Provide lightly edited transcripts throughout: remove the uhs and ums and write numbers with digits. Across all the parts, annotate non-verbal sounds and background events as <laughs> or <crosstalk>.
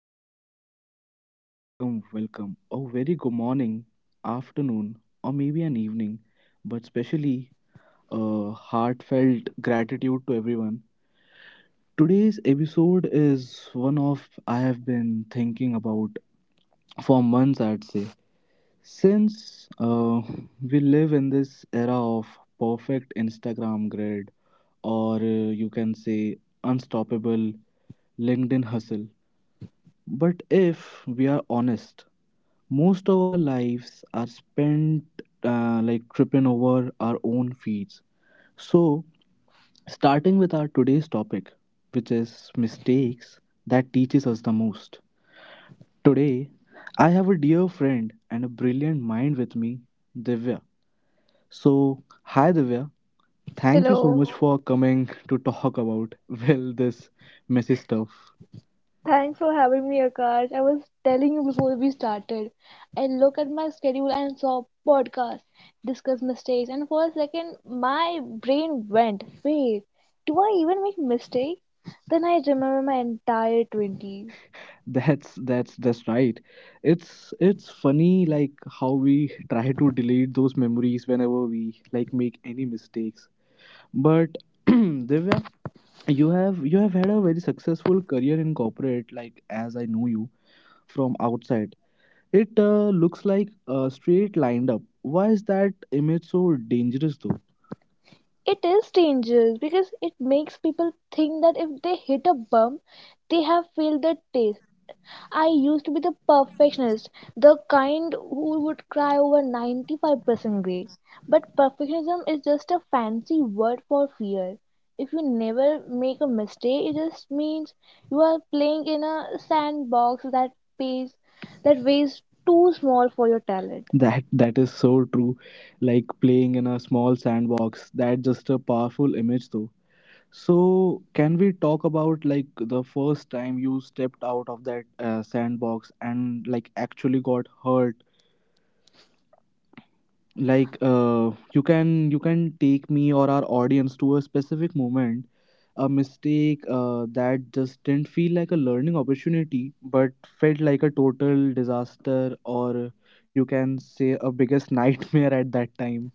everyone and welcome, welcome, welcome. A very good morning, afternoon, or maybe an evening, but especially a heartfelt gratitude to everyone. Today's episode is one of I have been thinking about for months, I'd say. Since we live in this era of perfect Instagram grid, or you can say unstoppable LinkedIn hustle, but if we are honest, most of our lives are spent like tripping over our own feeds. So, starting with our today's topic, which is mistakes that teaches us the most. Today, I have a dear friend and a brilliant mind with me, Divya. So, hi Divya, thank you so Hello, much for coming to talk about well this messy stuff. thanks for having me, Akash. I was telling you before we started. I look at my schedule and saw podcast, discuss mistakes, and for a second, my brain went, wait, do I even make mistake? Then I remember my entire 20s. That's right. It's funny like how we try to delete those memories whenever we like make any mistakes. But <clears throat> Divya, you have had a very successful career in corporate like as I know you from outside. It looks like a straight lined up. Why is that image so dangerous though? It is dangerous because it makes people think that if they hit a bump, they have failed the test. I used to be the perfectionist, the kind who would cry over 95% grade. But perfectionism is just a fancy word for fear. If you never make a mistake, it just means you are playing in a sandbox that pays that weighs too small for your talent. That is so true. Like playing in a small sandbox. That's just a powerful image though. So can we talk about like the first time you stepped out of that sandbox and like actually got hurt? Like you can take me or our audience to a specific moment, a mistake that just didn't feel like a learning opportunity, but felt like a total disaster, or you can say a biggest <laughs> nightmare at that time.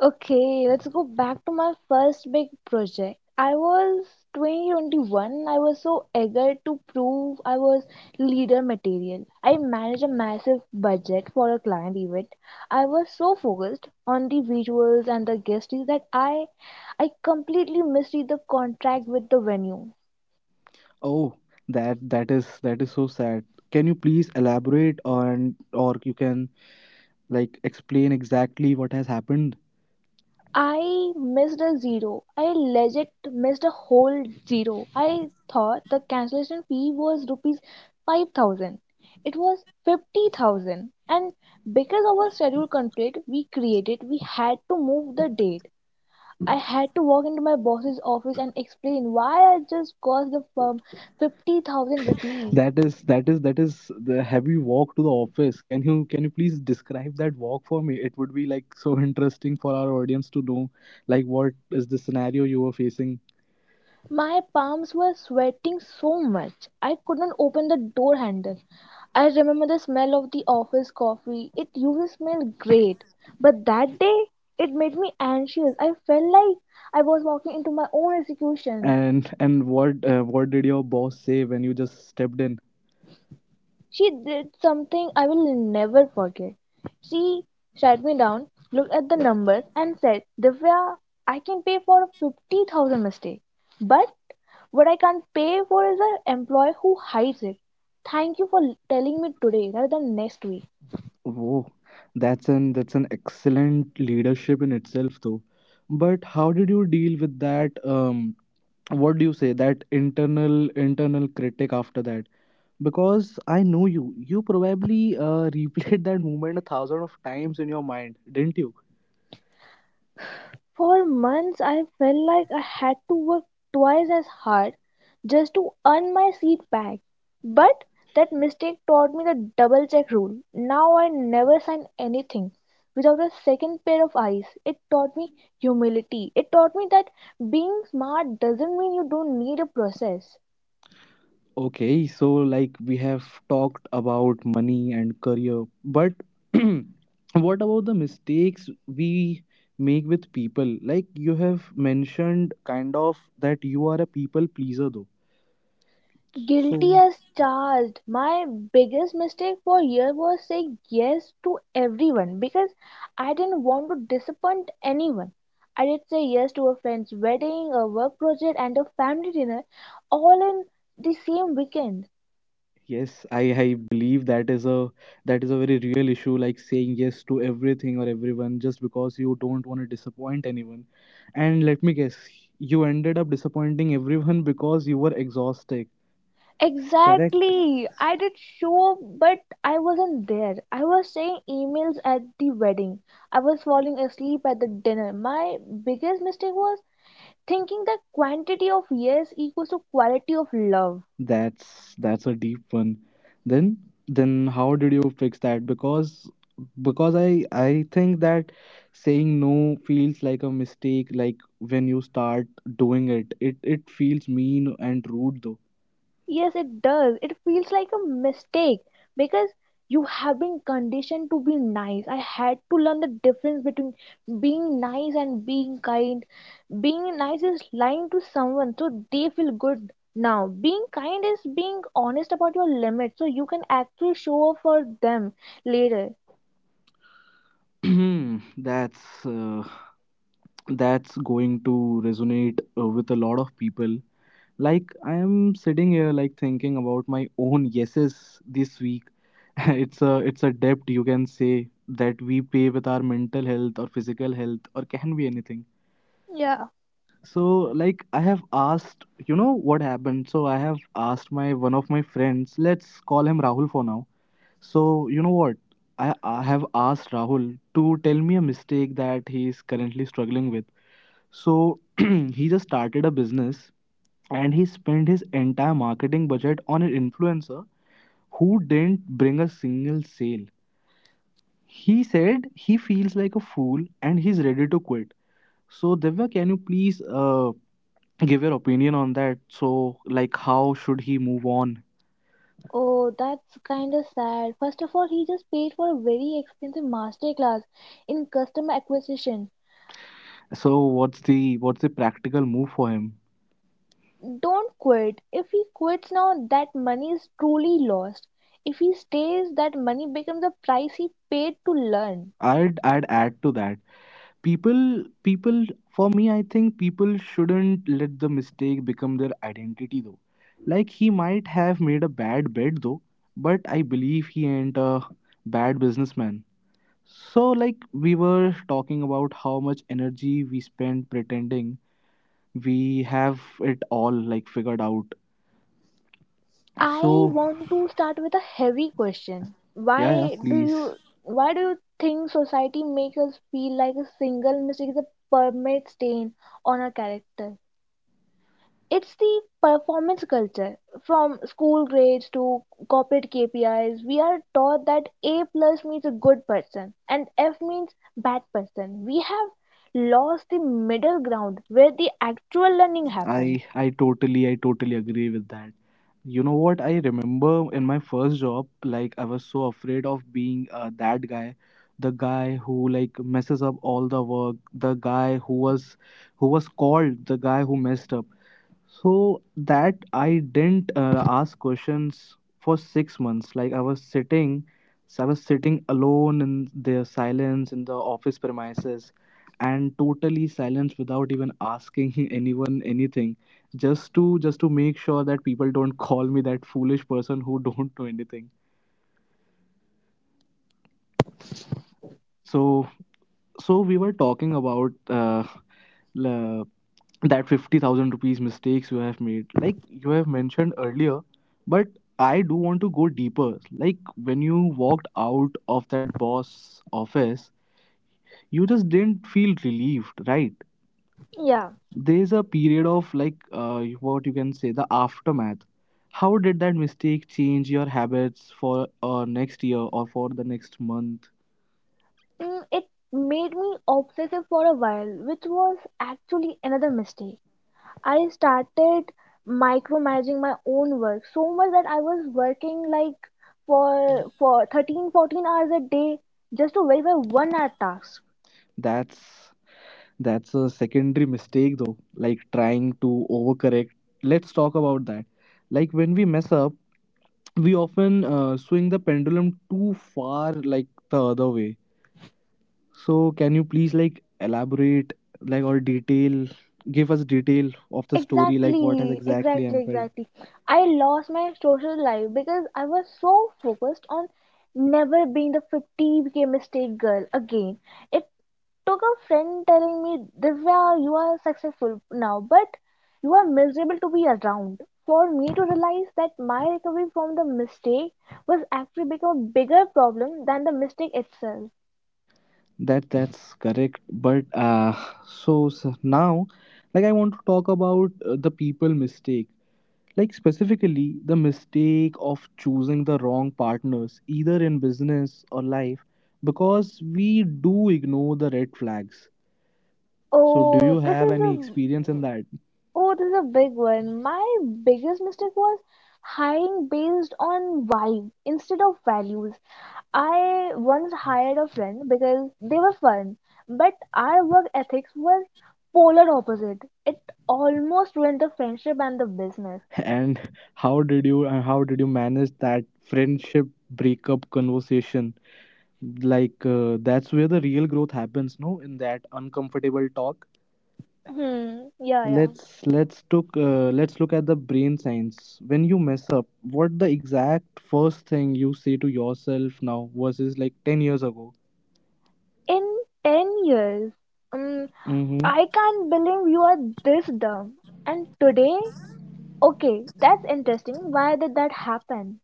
Okay, let's go back to my first big project. I was 2021. I was so eager to prove I was leader material. I managed a massive budget for a client event. I was so focused on the visuals and the guest list that I completely misread the contract with the venue. Oh, that is so sad. Can you please elaborate on or you can like explain exactly what has happened? I missed a zero. I legit missed a whole zero. I thought the cancellation fee was rupees 5,000. It was 50,000. And because of our schedule conflict we created, we had to move the date. I had to walk into my boss's office and explain why I just cost the firm 50,000 rupees. That is the heavy walk to the office. Can you please describe that walk for me? It would be like so interesting for our audience to know like what is the scenario you were facing. My palms were sweating so much I couldn't open the door handle. I remember the smell of the office coffee. It usually smelled great, but that day it made me anxious. I felt like I was walking into my own execution. And what did your boss say when you just stepped in? She did something I will never forget. She sat me down, looked at the numbers, and said, "Divya, I can pay for a 50,000 mistake, but what I can't pay for is an employee who hides it. Thank you for telling me today rather than next week." Whoa, that's an excellent leadership in itself, though. But how did you deal with that? What do you say that internal critic after that? Because I know you, you probably <laughs> replayed that moment a thousand of times in your mind, didn't you? For months, I felt like I had to work twice as hard just to earn my seat back. But that mistake taught me the double check rule. Now I never sign anything without a second pair of eyes. It taught me humility. It taught me that being smart doesn't mean you don't need a process. Okay, so like we have talked about money and career, but <clears throat> what about the mistakes we make with people? Like you have mentioned kind of that you are a people pleaser though. Guilty So as charged. My biggest mistake for year was saying yes to everyone because I didn't want to disappoint anyone. I did say yes to a friend's wedding, a work project, and a family dinner, all in the same weekend. yes, I believe that is a very real issue like saying yes to everything or everyone just because you don't want to disappoint anyone. And let me guess, you ended up disappointing everyone because you were exhausted. Correct? Exactly. I did show up, but I wasn't there. I was saying emails at the wedding. I was falling asleep at the dinner. My biggest mistake was thinking that quantity of yes equals to quality of love. That's a deep one. Then then how did you fix that? Because I think that saying no feels like a mistake. Like when you start doing it, it feels mean and rude though. Yes, it does. It feels like a mistake because you have been conditioned to be nice. I had to learn the difference between being nice and being kind. Being nice is lying to someone so they feel good now. Being kind is being honest about your limits so you can actually show up for them later. <clears throat> That's that's going to resonate with a lot of people. Like I am sitting here like thinking about my own yeses this week. <laughs> It's a debt you can say that we pay with our mental health or physical health or can be anything. Yeah. So like I have asked, you know what happened? So I have asked my one of my friends, let's call him Rahul for now. So you know what? I have asked Rahul to tell me a mistake that he is currently struggling with. So <clears throat> he just started a business and he spent his entire marketing budget on an influencer who didn't bring a single sale. He said he feels like a fool and he's ready to quit. So Divya, can you please give your opinion on that? So like, how should he move on? Oh, that's kind of sad. First of all, he just paid for a very expensive master class in customer acquisition. So what's the practical move for him? Don't quit. If he quits now, that money is truly lost. If he stays, that money becomes the price he paid to learn. I'd add to that. People people for me I think people shouldn't let the mistake become their identity though. Like he might have made a bad bet though, but I believe he ain't a bad businessman. So like we were talking about how much energy we spend pretending we have it all like figured out. I So want to start with a heavy question. yeah, Why do please. you why do you think society makes us feel like a single mistake is a permanent stain on our character? It's the performance culture. From school grades to corporate KPIs, we are taught that A plus means a good person and F means bad person. We have lost the middle ground where the actual learning happens. I totally agree with that. You know what? I remember in my first job, like I was so afraid of being that guy, the guy who like messes up all the work, the guy who was called the guy who messed up. So that I didn't ask questions for 6 months. Like I was sitting, so I was sitting alone in the silence in the office premises, and totally silence without even asking <laughs> anyone anything, just to make sure that people don't call me that foolish person who don't know anything. so so we were talking about la- that 50,000 rupees mistakes you have made like you have mentioned earlier, but I do want to go deeper. Like when you walked out of that boss office, you just didn't feel relieved, right? Yeah, There's a period of like what you can say the aftermath. How did that mistake change your habits for next year or for the next month? It made me obsessive for a while, which was actually another mistake. I started micromanaging my own work so much that I was working like for 13-14 hours a day just to verify 1 hour task. that's That's a secondary mistake though, like trying to overcorrect. Let's talk about that. Like when we mess up, we often swing the pendulum too far like the other way. So can you please like elaborate like or detail, give us detail of the story like what has Exactly, exactly exactly, happened? exactly. I lost my social life because I was so focused on never being the 50k mistake girl again. It took a friend telling me, "Divya, you are successful now, but you are miserable to be around," for me to realize that my recovery from the mistake was actually become a bigger problem than the mistake itself. That's correct. So now like I want to talk about the people mistake. Like, specifically, the mistake of choosing the wrong partners, either in business or life, because we do ignore the red flags. So, do you Oh, this have is any a experience in that? oh, this is a big one. My biggest mistake was hiring based on vibe instead of values. I once hired a friend because they were fun, but our work ethics were polar opposite. It almost ruined the friendship and the business. <laughs> And how did you manage that friendship breakup conversation? Like, that's where the real growth happens, no? In that uncomfortable talk. Hmm. Yeah, yeah. Let's look at the brain science. When you mess up, what the exact first thing you say to yourself now versus like 10 years ago? In 10 years, um, Mm-hmm. I can't believe you are this dumb. And today, okay, that's interesting. Why did that happen?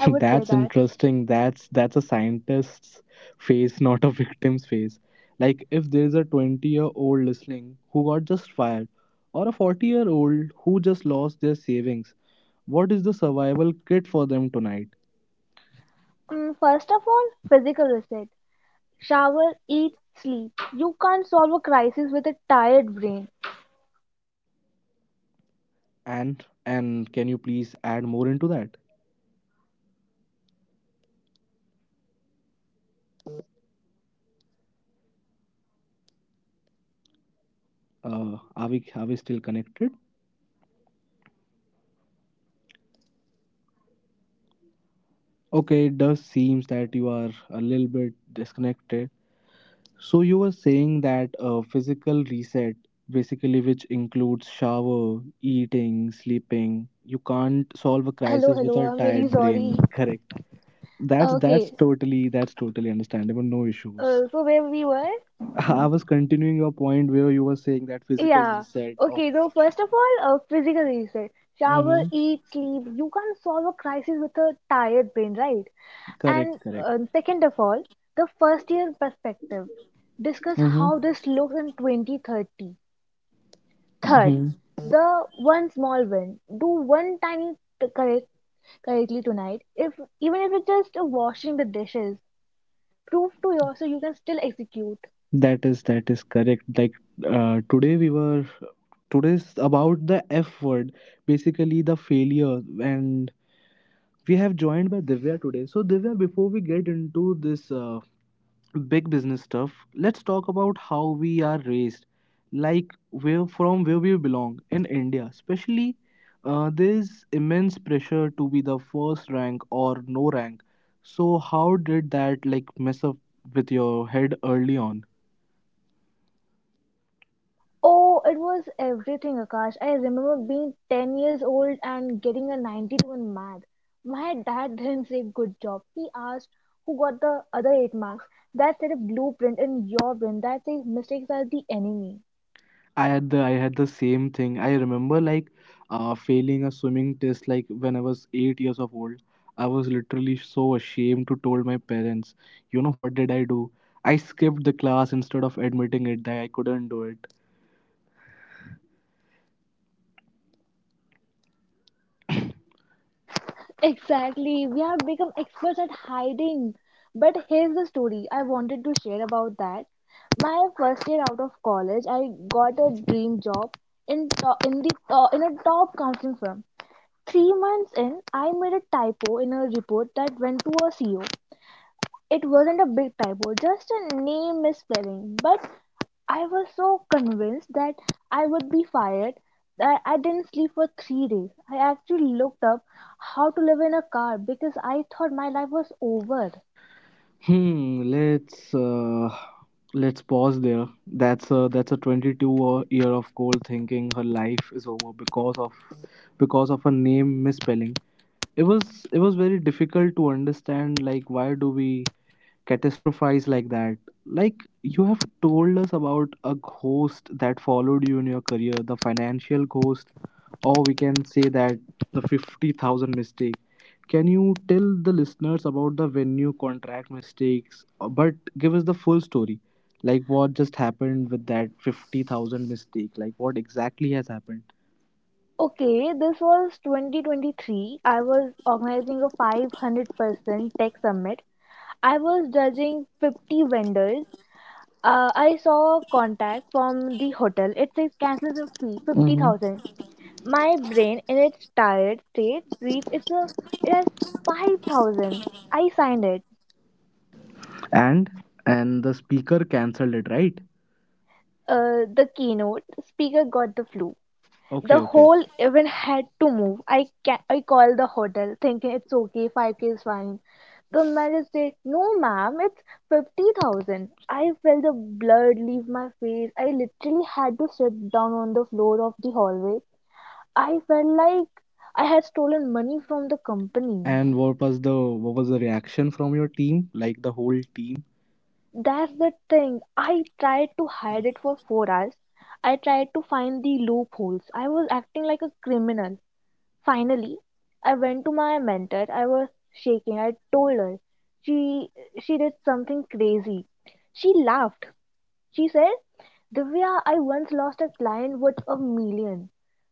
I would say That's that. interesting. That's a scientist's face, not a victim's face. Like if there's a 20-year-old listening who got just fired, or a 40-year-old who just lost their savings, what is the survival kit for them tonight? First of all, physical reset. Shower, eat, sleep. You can't solve a crisis with a tired brain. And can you please add more into that? Are we still connected? Okay, it does seems that you are a little bit disconnected. So you were saying that a physical reset, basically which includes shower, eating, sleeping, you can't solve a Hello, crisis with hello. a I'm really tired sorry. brain, correct? that's that's Okay, totally that's totally understandable, no issues. So where we were? <laughs> I was continuing your point where you were saying that physical Yeah. reset of. Okay, so first of all, physical reset. Shower, hmm eat, sleep. You can't solve a crisis with a tired brain, right? Correct, And correct. Second of all, the first year perspective. Discuss Mm-hmm. how this looks in 2030. Third, Mm-hmm. the one small win. Do one tiny t- correct correctly tonight. If even if it's just washing the dishes, prove to yourself you can still execute. That is correct. Like today we were today's about the F word, basically the failure, and we have joined by Divya today. So Divya, before we get into this big business stuff, let's talk about how we are raised, like where from where we belong in India, especially. There's immense pressure to be the first rank or no rank. So how did that like mess up with your head early on? Oh, it was everything, Akash. I remember being 10 years old and getting a 92 in math. My dad <laughs> didn't say good job. He asked who got the other 8 marks. That set a blueprint in your brain that says mistakes are the enemy. I had the same thing. I remember like failing a swimming test like when I was 8 years of old. I was literally so ashamed to told my parents. You know what did I do? I skipped the class instead of admitting it that I couldn't do it. Exactly. We have become experts at hiding. But here's the story I wanted to share about that. My first year out of college, I got a dream job in to- in the to- in a top counseling firm. 3 months in, I made a typo in a report that went to a CO. It wasn't a big typo, just a name misspelling. But I was so convinced that I would be fired that I didn't sleep for 3 days. I actually looked up how to live in a car because I thought my life was over. Hmm. Let's let's pause there. That's a 22 year of goal thinking her life is over because of a name misspelling. It was very difficult to understand like why do we catastrophize like that. Like you have told us about a ghost that followed you in your career, the financial ghost, or we can say that the 50,000 mistake. Can you tell the listeners about the venue contract mistakes, but give us the full story? Like what just happened with that 50,000 mistake? Like what exactly has happened? Okay, this was 2023. I was organizing a 500% tech summit. I was judging 50 vendors. I saw a contact from the hotel. It says cancellation fee fifty hmm thousand. My brain in its tired state reads it has 5,000. I signed it. And and the speaker cancelled it, right? The keynote speaker got the flu. Okay, The okay. whole event had to move. I called the hotel thinking it's okay, 5K is fine. The manager said, "No, ma'am, it's 50,000." I felt the blood leave my face. I literally had to sit down on the floor of the hallway. I felt like I had stolen money from the company. And what was the reaction from your team? Like the whole team? That's the thing. I tried to hide it for 4 hours. I tried to find the loopholes. I was acting like a criminal. Finally, I went to my mentor. I was shaking. I told her. She she did something crazy. She laughed. She said, "Divya, I once lost a client worth a million.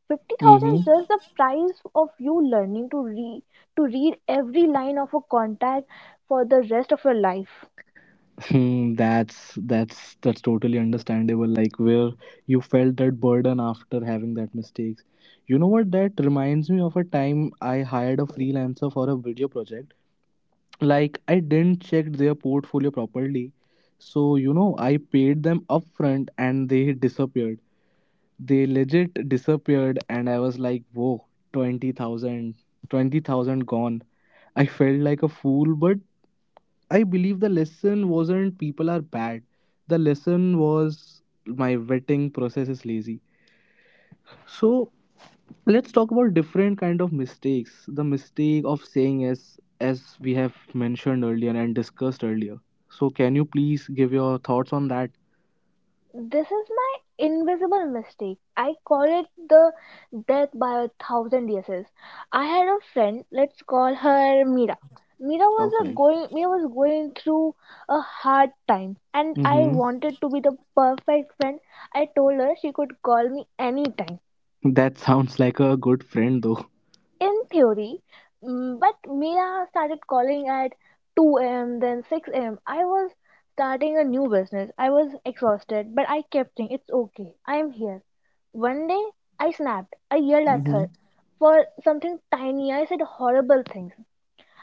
50,000 Mm-hmm. is just the price of you learning to read every line of a contract for the rest of your life." <laughs> That's totally understandable. Like where you felt that burden after having that mistakes. You know what? That reminds me of a time I hired a freelancer for a video project. Like I didn't check their portfolio properly, so you know I paid them upfront and they disappeared. They legit disappeared, and I was like, whoa, 20,000, 20,000 gone. I felt like a fool, but I believe the lesson wasn't people are bad. The lesson was my vetting process is lazy. So let's talk about different kind of mistakes. The mistake of saying yes, as we have mentioned earlier and discussed earlier. So can you please give your thoughts on that? This is my invisible mistake. I call it the death by a thousand yeses. I had a friend, let's call her Mira. Mira was a Okay. going Mira was going through a hard time and I Mm-hmm. wanted to be the perfect friend. I told her she could call me anytime That sounds like a good friend, though. in theory, but Mia started calling at 2 a.m., then 6 a.m. I was starting a new business. I was exhausted, but I kept saying, "It's okay, I am here." One day, I snapped. I yelled at Mm-hmm. her for something tiny. I said horrible things.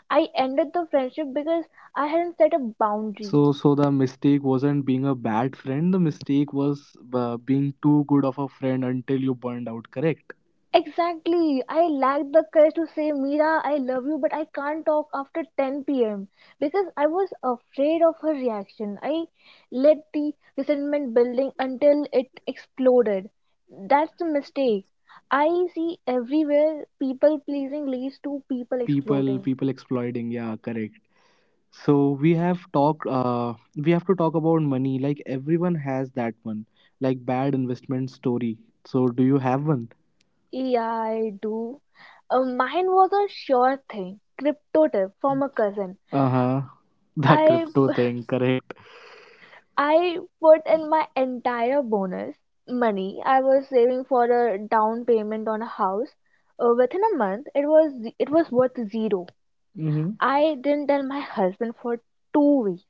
I ended the friendship because I hadn't set a boundary. So the mistake wasn't being a bad friend. The mistake was being too good of a friend until you burned out. Correct. Exactly. I lacked the courage to say, "Mira, I love you, but I can't talk after 10 p.m.," because I was afraid of her reaction. I let the resentment building until it exploded. That's the mistake. I see everywhere people pleasing leads to people People, exploding. people exploiting. Yeah, correct. So we have talked. We have to talk about money. Like everyone has that one, like bad investment story. So do you have one? Yeah, I do. Mine was a sure thing. Crypto tip from a cousin. Uh huh. <laughs> The I crypto thing. Correct. I put in my entire bonus money I was saving for a down payment on a house. Within a month, it was worth zero. Mhm. I didn't tell my husband for 2 weeks.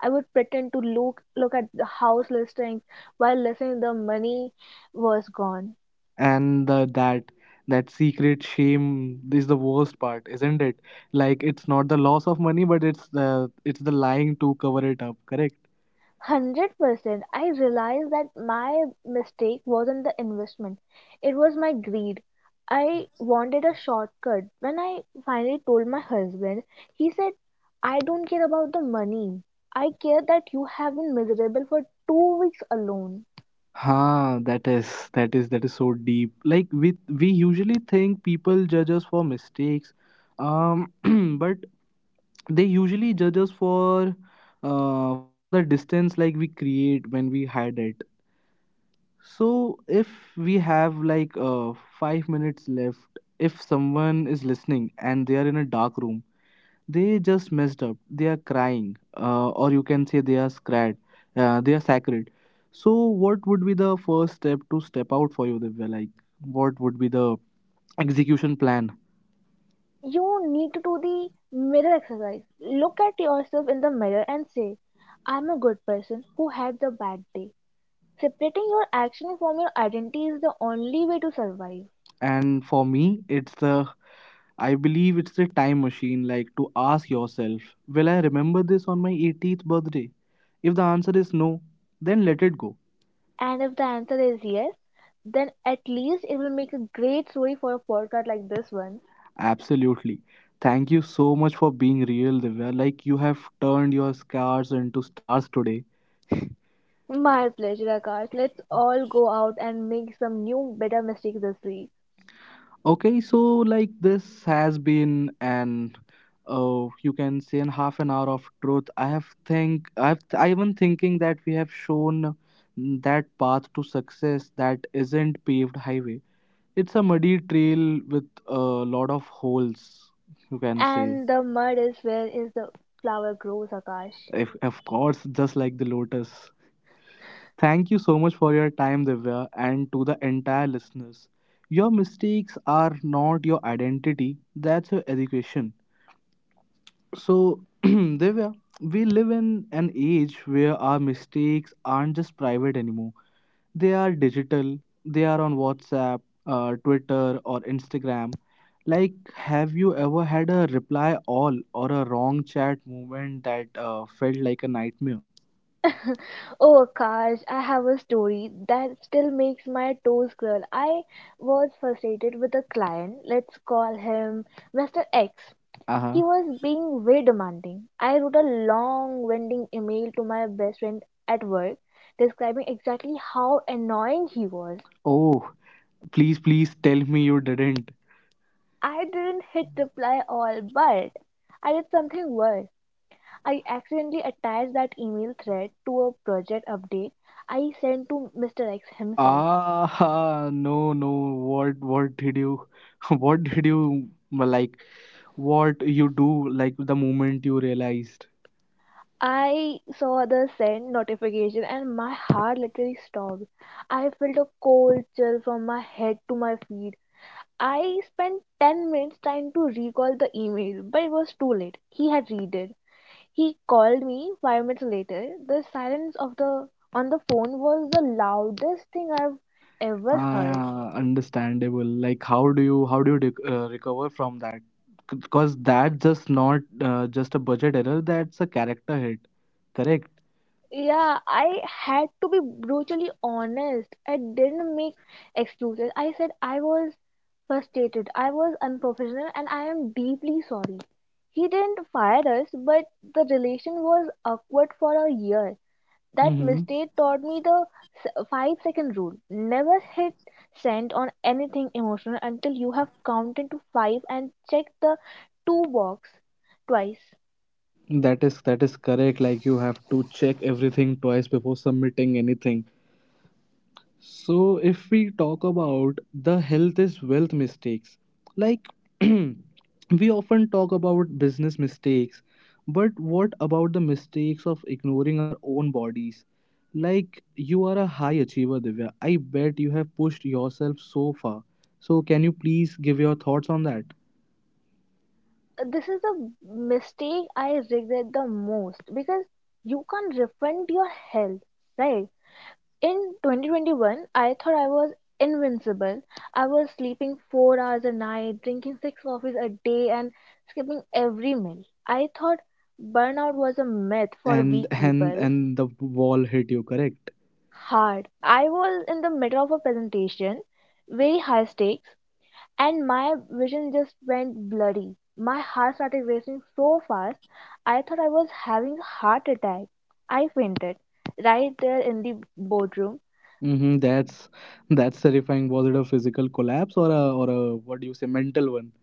I would pretend to look at the house listings while listening the money was gone. And the, that secret shame is the worst part, isn't it? Like it's not the loss of money, but it's the lying to cover it up. Correct. 100%. I realized that my mistake wasn't the investment, it was my greed. I wanted a shortcut. When I finally told my husband, he said, "I don't care about the money. I care that you have been miserable for 2 weeks alone." Huh, that is that is so deep. Like we usually think people judge us for mistakes, um <clears throat> but they usually judge us for the distance like we create when we hide it. So, if we have like five minutes left, if someone is listening and they are in a dark room, they just messed up, they are crying, or you can say they are scared, they are sacred. So, what would be the first step to step out for you, Divya? Like, what would be the execution plan? You need to do the mirror exercise. Look at yourself in the mirror and say, "I am a good person who had the bad day." Separating your action from your identity is the only way to survive. And for me, it's the— I believe it's the time machine, like to ask yourself, will I remember this on my 18th birthday? If the answer is no, then let it go. And if the answer is yes, then at least it will make a great story for a podcast like this one. Absolutely. Thank you so much for being real, Divya. Like you have turned your scars into stars today. My pleasure, Akash. Let's all go out and make some new, better mistakes this week. Okay, so like this has been an you can say an half an hour of truth. I've been thinking that we have shown that path to success that isn't paved highway. It's a muddy trail with a lot of holes. You can say, And the mud is where is the flower grows, Akash. if of course, just like the lotus. Thank you so much for your time, Divya, and to the entire listeners. Your mistakes are not your identity, that's your education. So, <clears throat> Divya, we live in an age where our mistakes aren't just private anymore. They are digital, they are on WhatsApp, Twitter, or Instagram. Like, have you ever had a reply all or a wrong chat moment that felt like a nightmare? <laughs> Oh, Akash, I have a story that still makes my toes curl. I was frustrated with a client. Let's call him Mr. X. Uh huh. He was being very demanding. I wrote a long, winding email to my best friend at work describing exactly how annoying he was. Oh, please tell me you didn't. I didn't hit reply all, but I did something worse. I accidentally attached that email thread to a project update I sent to Mr. X himself. Ah, no, no. What did you, <laughs> what did you like? What you do like the moment you realized? I saw the send notification and my heart literally stopped. I felt a cold chill from my head to my feet. I spent 10 minutes trying to recall the email, but it was too late. He had read it. He called me 5 minutes later. The silence of the on the phone was the loudest thing I've ever heard. Ah, understandable. Like, how do you recover from that? Because that's just not just a budget error. That's a character hit. Correct. Yeah, I had to be brutally honest. I didn't make excuses. I said I was frustrated, I was unprofessional, and I am deeply sorry. He didn't fire us, but the relation was awkward for a year. That Mm-hmm. mistake taught me the 5 second rule. Never hit send on anything emotional until you have counted to five and checked the two box twice. That is correct. Like you have to check everything twice before submitting anything. So, if we talk about the health is wealth mistakes, like <clears throat> we often talk about business mistakes, but what about the mistakes of ignoring our own bodies? Like, you are a high achiever, Divya. I bet you have pushed yourself so far. So, can you please give your thoughts on that? This is the mistake I regret the most because you can't refund your health, right? In 2021, I thought I was invincible. I was sleeping 4 hours a night, drinking 6 coffees a day, and skipping every meal. I thought burnout was a myth for weak And and people. and the wall hit you, correct? Hard. I was in the middle of a presentation, very high stakes, and my vision just went blurry. My heart started racing so fast, I thought I was having a heart attack. I fainted right there in the boardroom. Mm-hmm, that's terrifying. Was it a physical collapse or a what do you say mental one?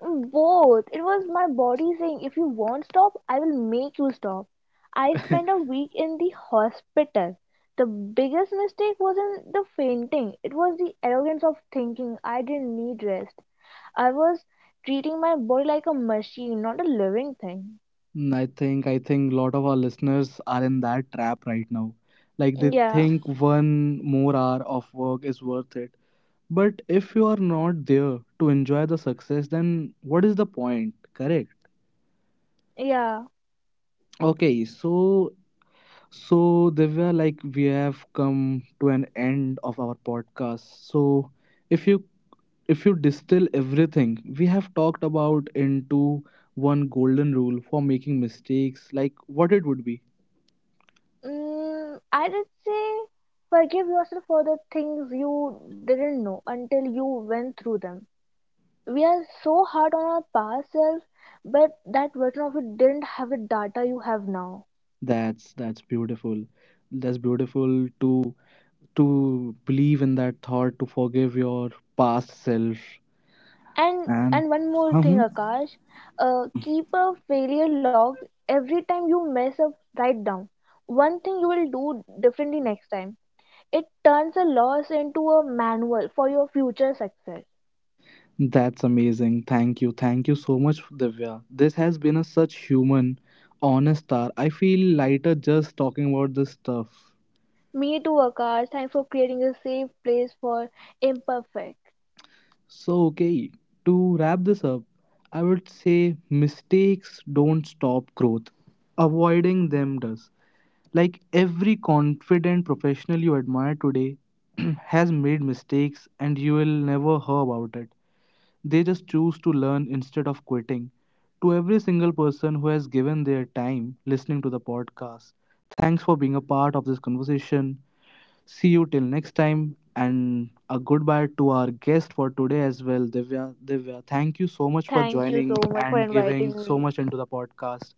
Both. It was my body saying, if you won't stop, I will make you stop. I spent a week in the hospital. The biggest mistake wasn't the fainting, it was the arrogance of thinking I didn't need rest. I was treating my body like a machine, not a living thing. Mm, I think a lot of our listeners are in that trap right now. Like they Yeah, think one more hour of work is worth it. But if you are not there to enjoy the success, then what is the point? Correct. yeah. Okay, so Divya, like we have come to an end of our podcast. So if you if you distill everything we have talked about into one golden rule for making mistakes, like what it would be. I did say forgive yourself for the things you didn't know until you went through them. We are so hard on our past self, but that version of it didn't have the data you have now. That's beautiful. That's beautiful to believe in that thought, to forgive your past self. and And and one more thing, Mhm. Akash, keep a failure log every time you mess up. Write down one thing you will do differently next time. It turns a loss into a manual for your future success. That's amazing. Thank you. Thank you so much, Divya. This has been a such human, honest hour. I feel lighter just talking about this stuff. Me too, Akash. Thanks for creating a safe place for imperfect. So okay, to wrap this up, I would say mistakes don't stop growth. Avoiding them does. Like every confident professional you admire today <clears throat> has made mistakes and you will never hear about it. They just choose to learn instead of quitting. To every single person who has given their time listening to the podcast, thanks for being a part of this conversation. See you till next time and a goodbye to our guest for today as well, Divya. Divya, thank you so much for Thank you so joining much for and giving inviting so me. much into the podcast.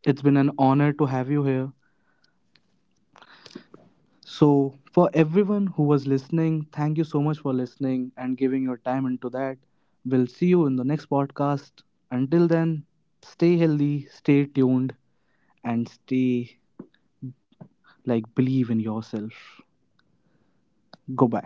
It's been an honor to have you here. So, for everyone who was listening, thank you so much for listening and giving your time into that. We'll see you in the next podcast. Until then, stay healthy, stay tuned, and stay like believe in yourself. Goodbye.